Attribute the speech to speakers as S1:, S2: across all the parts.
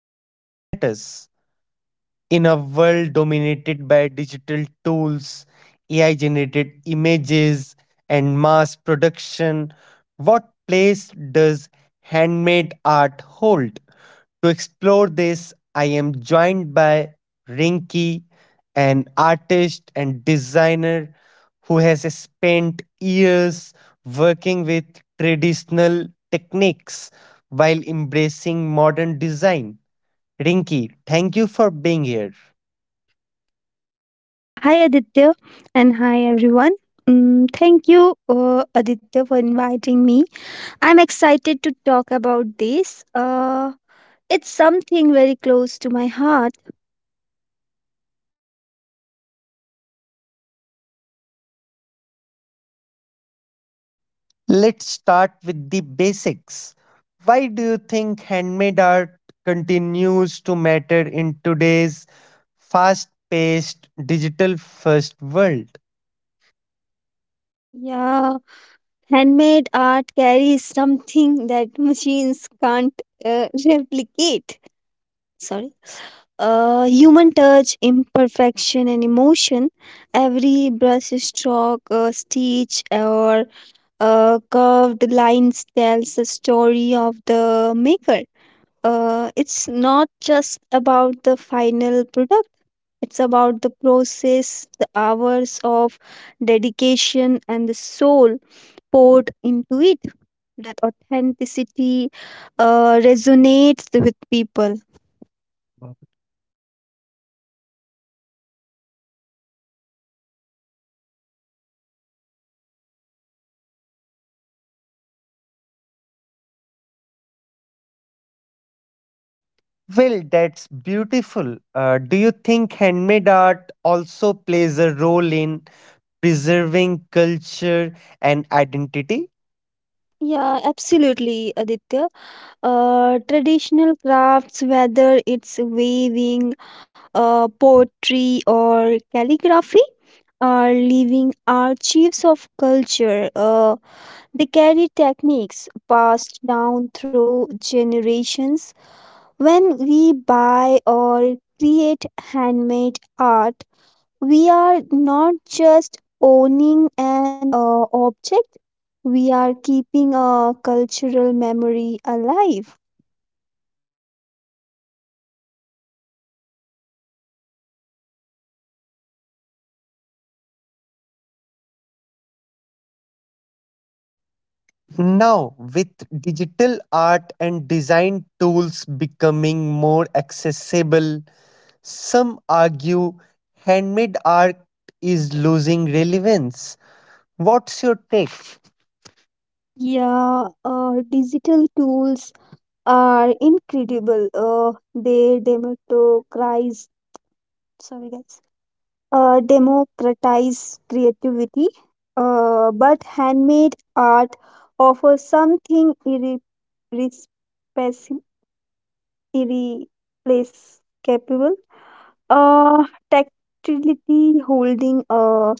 S1: still matters. In a world dominated by digital tools, AI generated images, and mass production, what place does handmade art hold? To explore this, I am joined by Rinki, an artist and designer who has spent years working with traditional techniques while embracing modern design. Rinki, thank you for being here.
S2: Yeah, hi Aditya, and hi everyone. Thank you, Aditya, for inviting me. I'm excited to talk about this. It's something very close to my heart.
S1: Let's start with the basics. Why do you think handmade art continues to matter in today's fast paced, digital first world?
S2: Yeah, handmade art carries something that machines can't replicate. Sorry. Human touch, imperfection, and emotion. Every brush stroke, stitch, or curved lines tells the story of the maker. It's not just about the final product. It's about the process, the hours of dedication, and the soul poured into it. That authenticity resonates with people.
S1: Well, that's beautiful. Do you think handmade art also plays a role in preserving culture and identity?
S2: Yeah, absolutely, Aditya. Traditional crafts, whether it's weaving, poetry or calligraphy are living archives of culture. They carry techniques passed down through generations. When we buy or create handmade art, we are not just owning an object, we are keeping a cultural memory alive.
S1: Now, with digital art and design tools becoming more accessible, some argue handmade art is losing relevance. What's your take?
S2: Yeah, digital tools are incredible. They democratize, sorry guys, democratize creativity. But handmade art offers something irrespec- irreplaceable. Uh, Tactility, holding a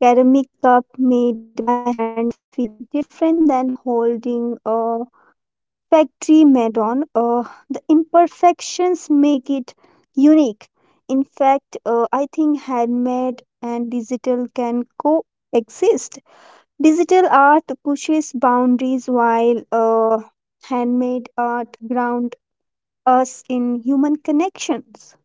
S2: ceramic cup made by hands feel different than holding a factory madon, the imperfections make it unique. In fact, I think handmade and digital can coexist. Digital art pushes boundaries while handmade art ground us in human connections.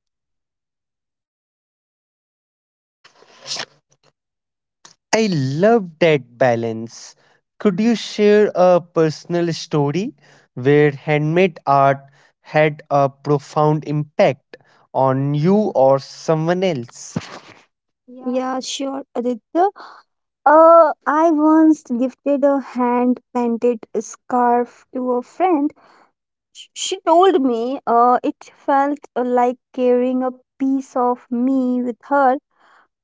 S1: I love that balance. Could you share a personal story where handmade art had a profound impact on you or someone else?
S2: Yeah, sure, Aditya. uh, I once gifted a hand painted scarf to a friend. She told me it felt like carrying a piece of me with her.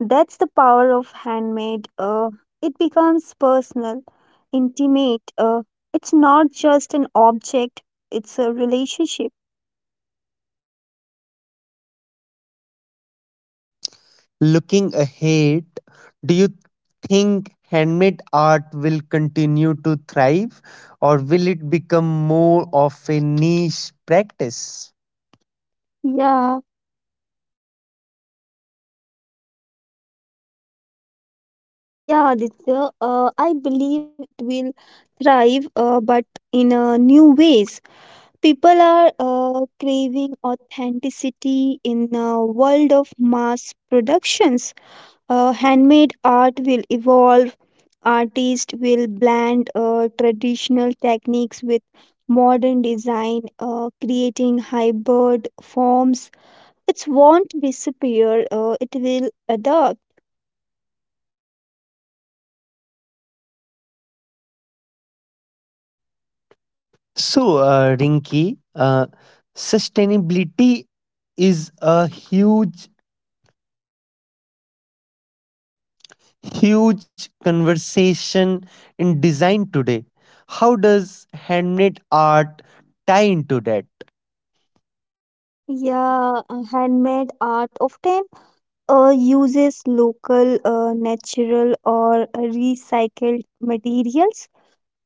S2: That's the power of handmade. It becomes personal, intimate. It's not just an object, it's a relationship.
S1: Looking ahead, do you think handmade art will continue to thrive or will it become more of a niche practice?
S2: Yeah, yeah, Aditya. I believe it will thrive, but in new ways. People are craving authenticity in a world of mass productions. Handmade art will evolve. Artists will blend traditional techniques with modern design, creating hybrid forms. It won't disappear, it will adapt.
S1: So, Rinki, sustainability is a huge conversation in design today. How does handmade art tie into that?
S2: Yeah, handmade art often uses local, natural, or recycled materials.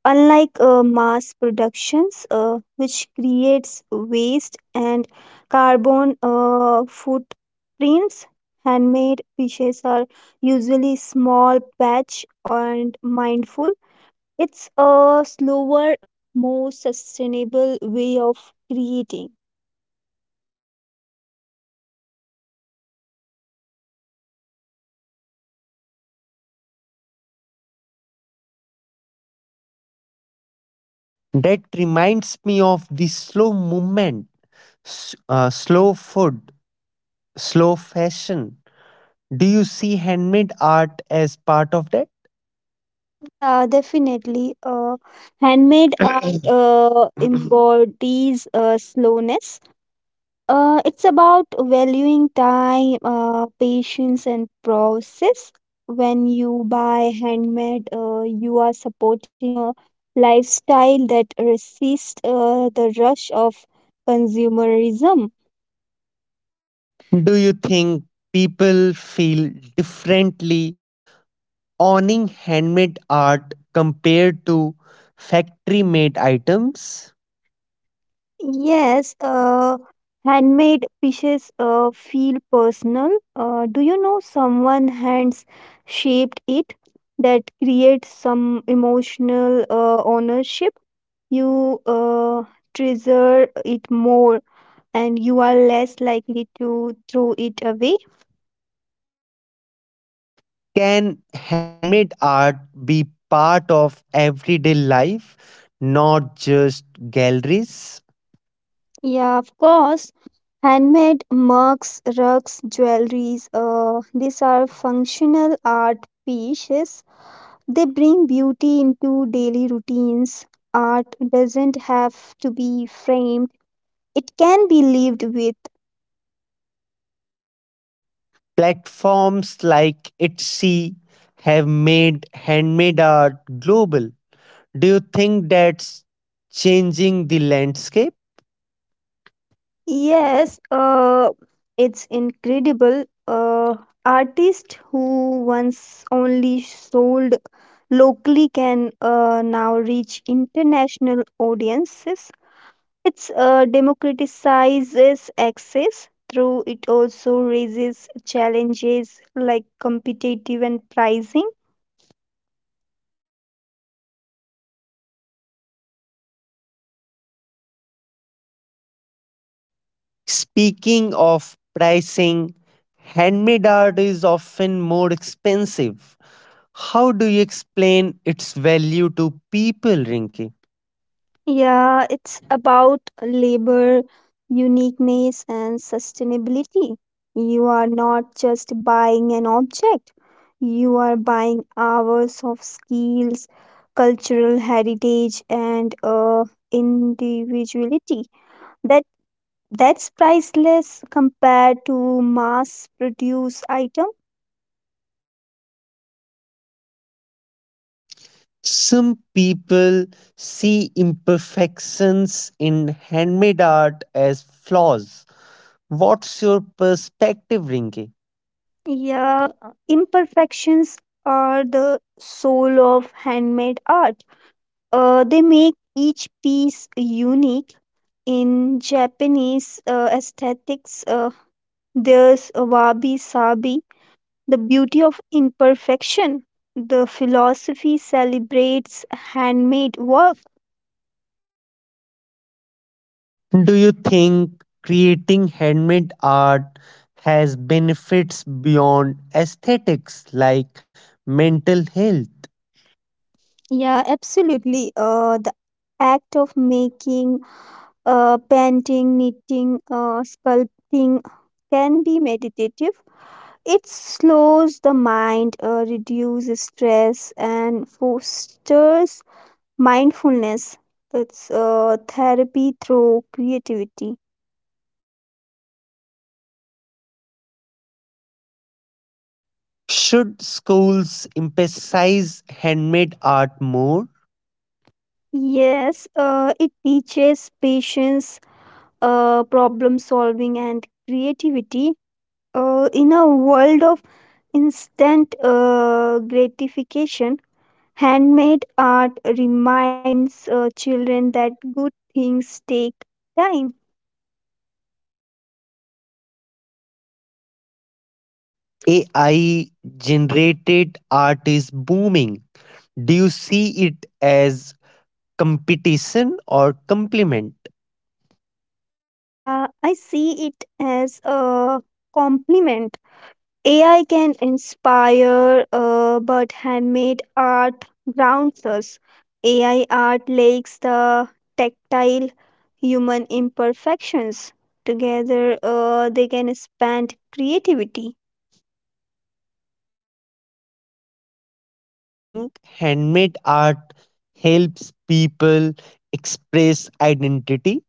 S2: Unlike mass productions, which creates waste and carbon footprints, handmade fishes are usually small, batch, and mindful. It's a slower, more sustainable way of creating.
S1: That reminds me of the slow movement, slow food, slow fashion. Do you see handmade art as part of that?
S2: Yeah, definitely. Handmade art embodies slowness. It's about valuing time, patience, and process. When you buy handmade, you are supporting a lifestyle that resists the rush of consumerism.
S1: Do you think people feel differently owning handmade art compared to factory made items?
S2: Yes, handmade pieces feel personal. Do you know someone hands shaped it? That creates some emotional ownership. You treasure it more and you are less likely to throw it away.
S1: Can handmade art be part of everyday life, not just galleries?
S2: Yeah, of course. Handmade mugs, rugs, jewelries, these are functional art pieces. They bring beauty into daily routines. Art doesn't have to be framed, it can be lived with.
S1: Platforms like Etsy have made handmade art global. Do you think that's changing the landscape?
S2: Yes, it's incredible. Artists who once only sold locally can now reach international audiences. It's democratizes access through it also raises challenges like competitive and pricing.
S1: Speaking of pricing, handmade art is often more expensive. How do you explain its value to people, Rinki?
S2: Yeah, it's about labor, uniqueness, and sustainability. You are not just buying an object, you are buying hours of skills, cultural heritage, and individuality. That that's priceless compared to mass-produced item.
S1: Some people see imperfections in handmade art as flaws. What's your perspective, Rinki?
S2: Yeah, imperfections are the soul of handmade art. They make each piece unique. In Japanese aesthetics, there's wabi sabi, the beauty of imperfection. The philosophy celebrates handmade work.
S1: Do you think creating handmade art has benefits beyond aesthetics like mental health?
S2: Yeah, absolutely. The act of making, painting, knitting, sculpting can be meditative. It slows the mind, reduces stress, and fosters mindfulness. It's therapy through creativity.
S1: Should schools emphasize handmade art more?
S2: Yes, it teaches patience, problem solving, and creativity. In a world of instant gratification, handmade art reminds children that good things take time.
S1: AI generated art is booming. Do you see it as competition or complement?
S2: Yeah, I see it as a compliment. AI can inspire, but handmade art grounds us. AI art lakes the tactile human imperfections. Together, they can expand creativity.
S1: Do you think handmade art helps people express identity?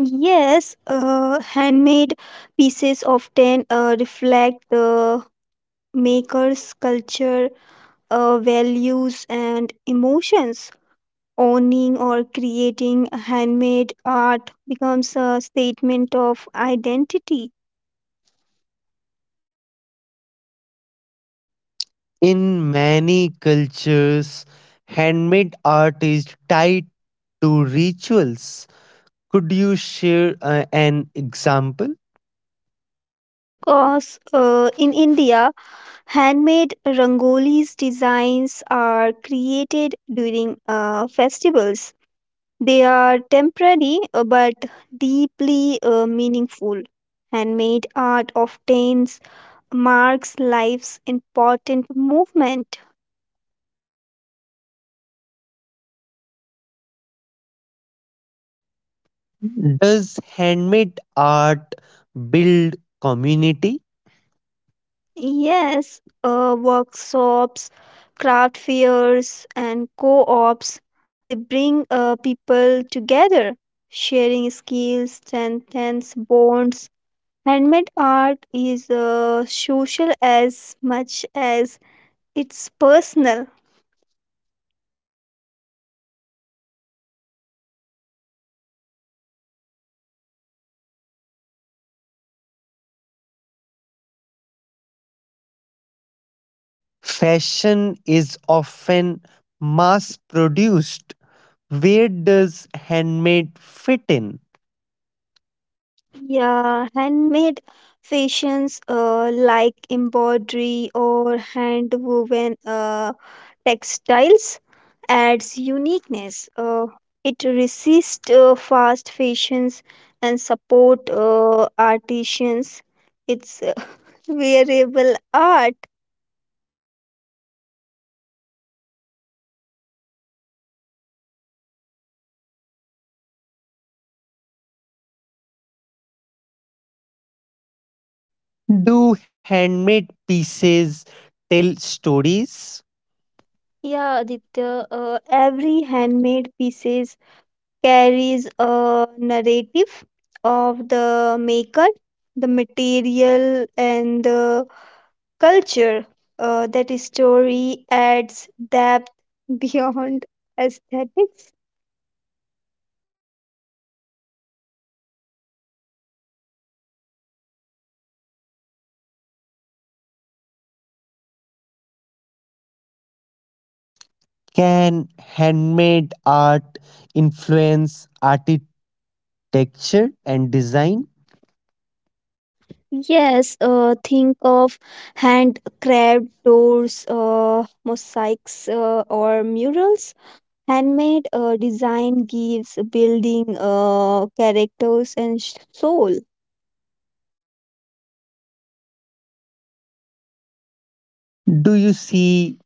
S2: Yes, handmade pieces often reflect the maker's culture, values, and emotions. Owning or creating handmade art becomes a statement of identity.
S1: In many cultures, handmade art is tied to rituals. Could you share an example?
S2: Yeah, of course. In India, handmade rangolis designs are created during festivals. They are temporary but deeply meaningful. Handmade art often marks life's important movement.
S1: Does handmade art build community?
S2: Yes, workshops, craft fairs, and co ops they bring people together, sharing skills, strengthens bonds. Handmade art is social as much as it's personal.
S1: Fashion is often mass produced. Where does handmade fit in?
S2: Yeah, handmade fashions like embroidery or hand woven textiles adds uniqueness. It resists fast fashions and support artisans. It's wearable art.
S1: Do handmade pieces tell stories?
S2: Yeah, Aditya, every handmade pieces carries a narrative of the maker, the material, and the culture. That story adds depth beyond aesthetics.
S1: Can handmade art influence architecture and design?
S2: Yes, think of hand carved doors, mosaics, or murals. Handmade design gives building characters and soul.
S1: Do you see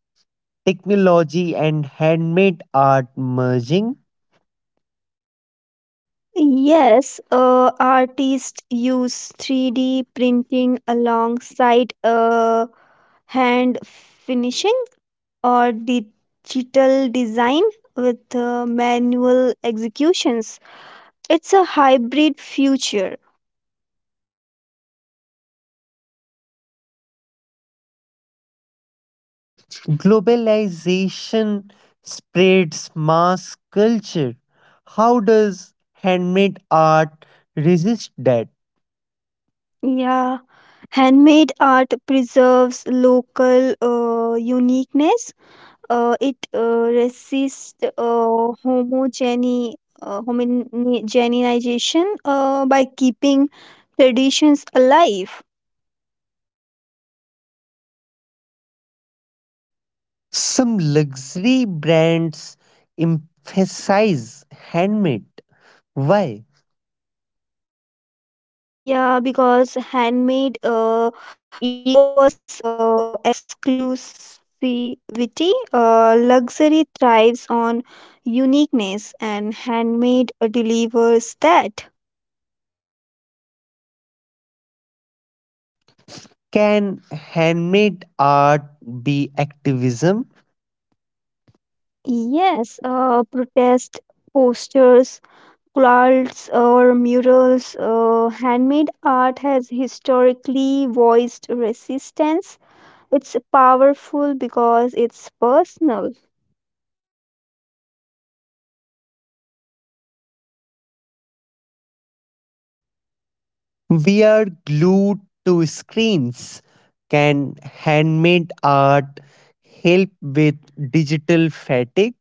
S1: technology and handmade art merging?
S2: Yes, artists use 3D printing alongside hand finishing or digital design with manual executions. It's a hybrid future.
S1: Globalization spreads mass culture. How does handmade art resist that?
S2: Yeah. Handmade art preserves local uniqueness. It resists homogenization by keeping traditions alive.
S1: Some luxury brands emphasize handmade. Why?
S2: Yeah, because handmade equals exclusivity. Luxury thrives on uniqueness, and handmade delivers that.
S1: Can handmade art be activism?
S2: Yes, protest posters, quilts, or murals. Handmade art has historically voiced resistance. It's powerful because it's personal.
S1: We are glued to screens. Can handmade art help with digital fatigue?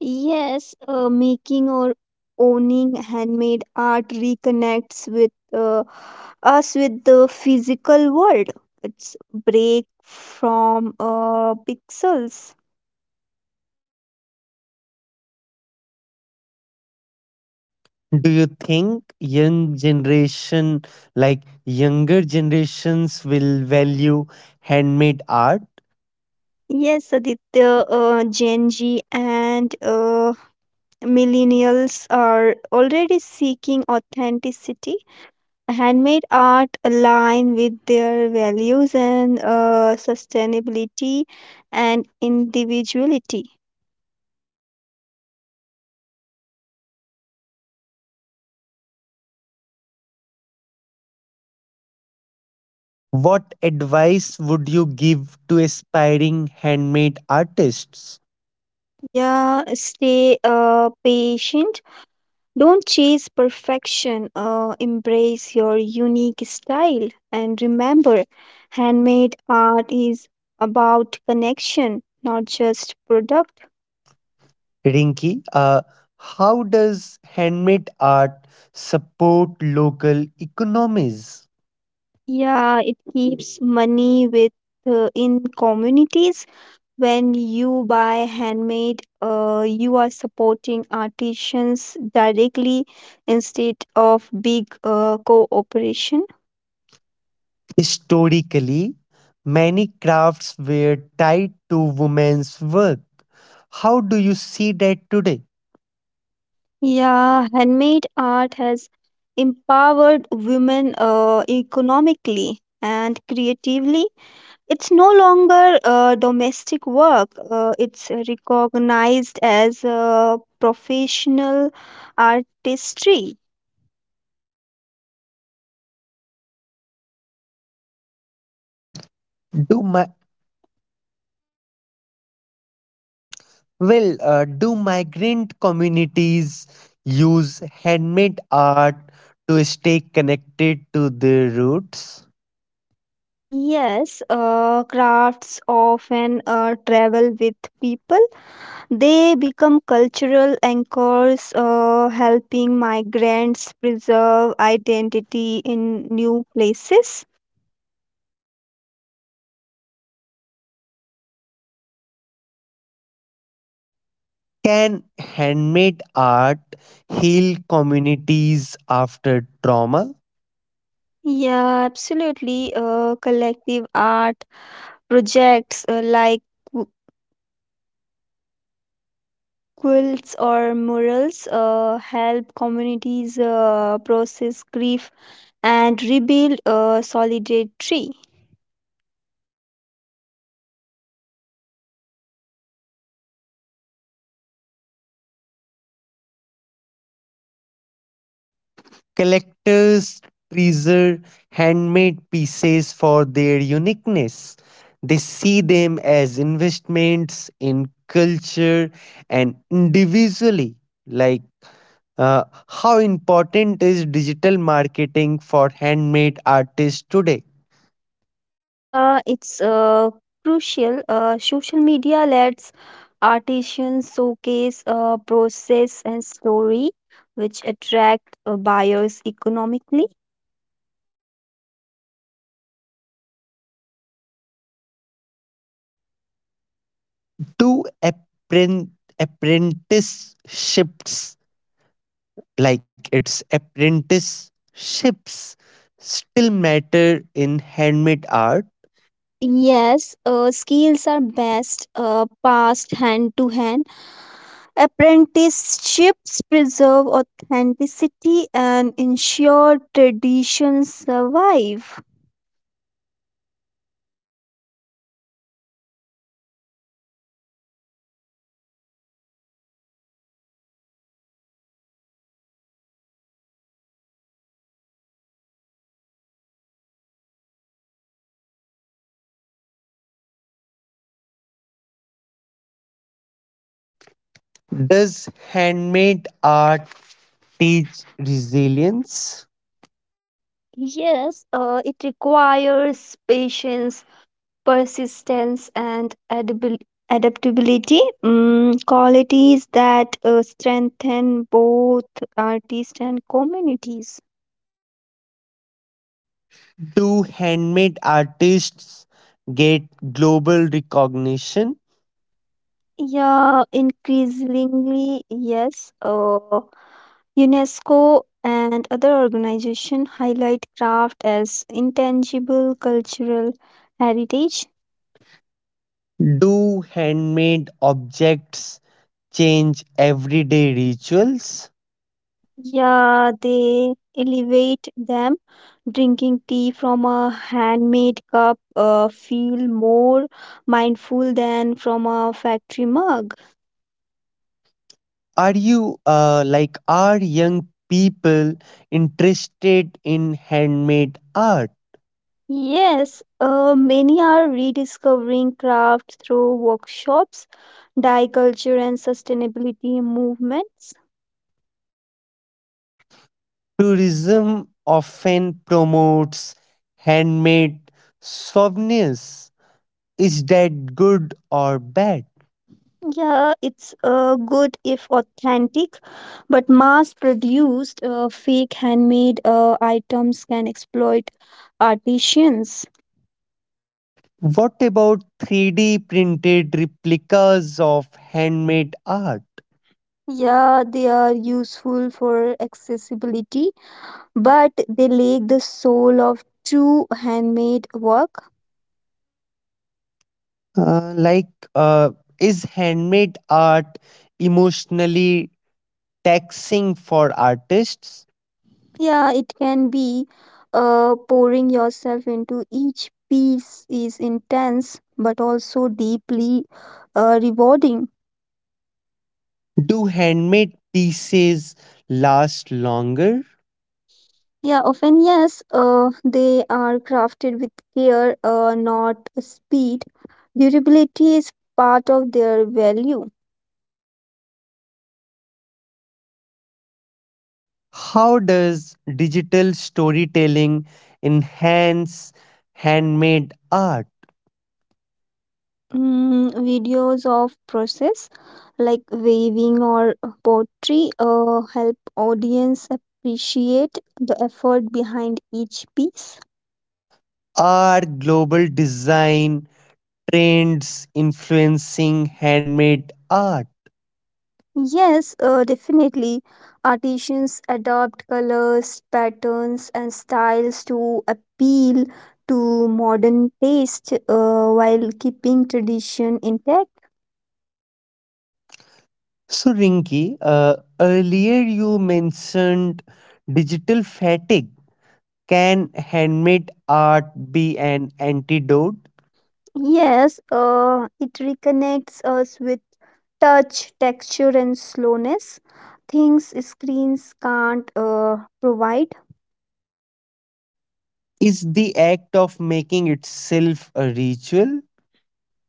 S2: Yes, making or owning handmade art reconnects with us with the physical world. It's break from pixels.
S1: Do you think young generation, like younger generations, will value handmade art?
S2: Yes, Aditya, Gen Z and millennials are already seeking authenticity. Handmade art align with their values and sustainability and individuality.
S1: What advice would you give to aspiring handmade artists?
S2: Yeah, stay patient. Don't chase perfection, embrace your unique style. And remember, handmade art is about connection, not just product.
S1: Rinki, how does handmade art support local economies?
S2: Yeah, it keeps money with in communities. When you buy handmade, you are supporting artisans directly instead of big cooperation.
S1: Historically, many crafts were tied to women's work. How do you see that today?
S2: Yeah, handmade art has empowered women economically and creatively. It's no longer domestic work, it's recognized as professional artistry.
S1: Do my do migrant communities use handmade art to stay connected to their roots?
S2: Yes, crafts often travel with people. They become cultural anchors, helping migrants preserve identity in new places.
S1: Can handmade art heal communities after trauma?
S2: Yeah, absolutely. Collective art projects like qu- quilts or murals help communities process grief and rebuild solidarity.
S1: Collectors treasure handmade pieces for their uniqueness. They see them as investments in culture and individually. Like, how important is digital marketing for handmade artists today?
S2: Yeah, it's crucial. Social media lets artisans showcase process and story, which attract buyers economically.
S1: To appren- apprenticeships like its apprenticeships still matter in handmade art?
S2: Yes, skills are best passed hand to hand. Apprenticeships preserve authenticity and ensure traditions survive.
S1: Does handmade art teach resilience?
S2: Yes, it requires patience, persistence, and adaptability, qualities that strengthen both artists and communities.
S1: Do handmade artists get global recognition?
S2: Yeah, increasingly, yes. uh, UNESCO and other organizations highlight craft as intangible cultural heritage.
S1: Do handmade objects change everyday rituals?
S2: Yeah, they elevate them. Drinking tea from a handmade cup feel more mindful than from a factory mug.
S1: Are young people interested in handmade art?
S2: Yes, many are rediscovering crafts through workshops, dye culture, and sustainability movements.
S1: Tourism often promotes handmade souvenirs. Is that good or bad?
S2: Yeah, it's good if authentic, but mass produced fake handmade items can exploit artisans.
S1: What about 3D printed replicas of handmade art?
S2: Yeah, they are useful for accessibility, but they lack the soul of true handmade work.
S1: Uh, like, uh, is handmade art emotionally taxing for artists?
S2: Yeah, it can be. Pouring yourself into each piece is intense, but also deeply rewarding.
S1: Do handmade pieces last longer?
S2: Yeah, often yes, they are crafted with care, not speed. Durability is part of their value.
S1: How does digital storytelling enhance handmade art?
S2: Videos of process like weaving or pottery help audience appreciate the effort behind each piece.
S1: Are global design trends influencing handmade art?
S2: Yes, definitely. Artisans adopt colors, patterns, and styles to appeal to modern taste while keeping tradition intact.
S1: So, Rinki, earlier you mentioned digital fatigue. Can handmade art be an antidote?
S2: Yes, it reconnects us with touch, texture, and slowness. Things screens can't provide.
S1: Is the act of making itself a ritual?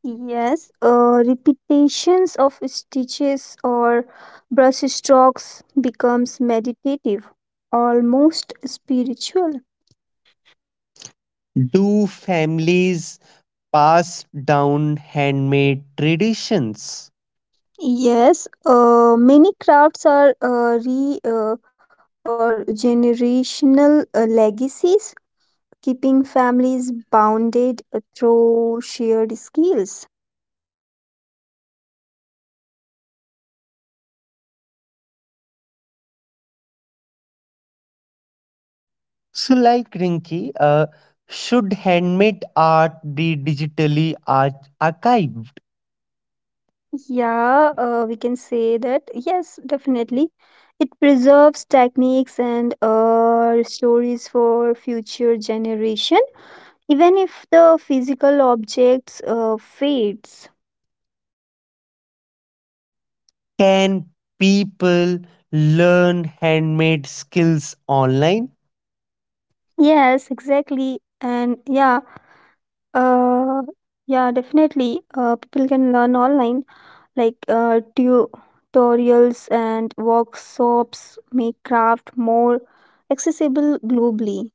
S2: Yes, repetitions of stitches or brush strokes becomes meditative, almost spiritual.
S1: Do families pass down handmade traditions?
S2: Yes, many crafts are re or generational legacies keeping families bounded through shared skills.
S1: So, Rinki, should handmade art be archived?
S2: Yeah, we can say that. Yes, definitely. It preserves techniques and stories for future generation, even if the physical objects fades.
S1: Can people learn handmade skills online?
S2: Yes, exactly. And yeah, Uh, yeah, definitely. People can learn online, like tutorials and workshops make craft more accessible globally.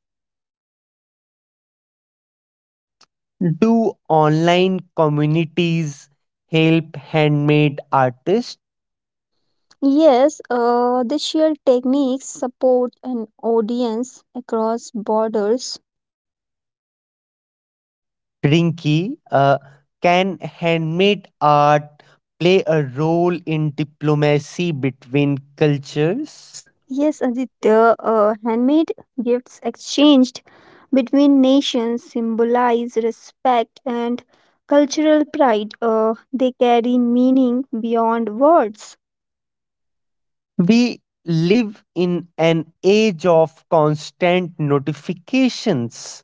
S1: Do online communities help handmade artists?
S2: Yes, they share techniques, support, and audience across borders.
S1: Rinky, can handmade art play a role in diplomacy between cultures?
S2: Yes, Aditya, handmade gifts exchanged between nations symbolize respect and cultural pride. They carry meaning beyond words.
S1: We live in an age of constant notifications.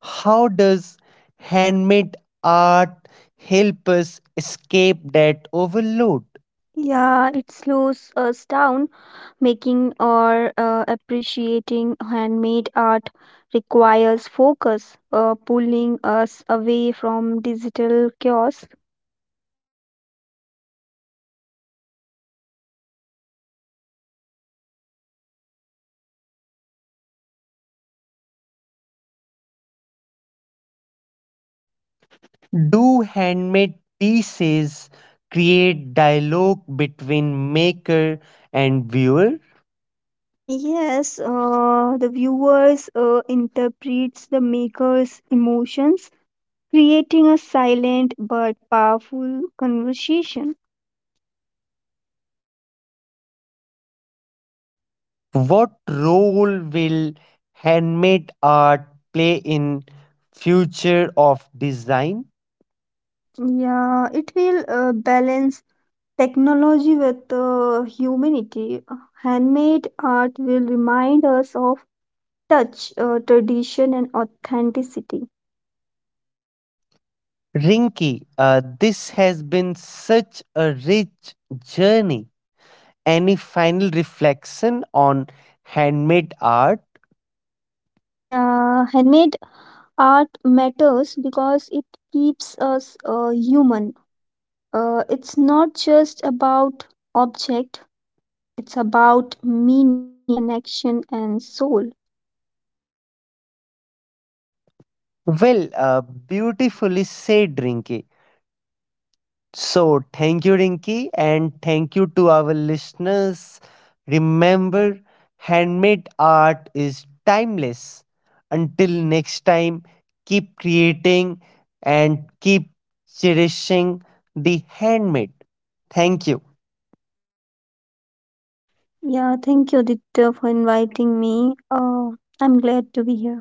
S1: How does handmade art help us escape that overload?
S2: Yeah, it slows us down. Making or appreciating handmade art requires focus, pulling us away from digital chaos.
S1: Do handmade pieces create dialogue between maker and viewer?
S2: Yes, the viewers interprets the maker's emotions, creating a silent but powerful conversation.
S1: What role will handmade art play in future of design?
S2: Yeah, it will balance technology with humanity. Handmade art will remind us of touch, tradition, and authenticity.
S1: Rinki, this has been such a rich journey. Any final reflection on handmade art?
S2: Yeah, handmade art matters because it keeps us human. It's not just about object, it's about meaning, connection, and soul.
S1: Well, beautifully said, Rinky. So, thank you, Rinky, and thank you to our listeners. Remember, handmade art is timeless. Until next time, keep creating and keep cherishing the handmade. Thank you.
S2: Yeah, thank you, Aditya, for inviting me. I'm glad to be here.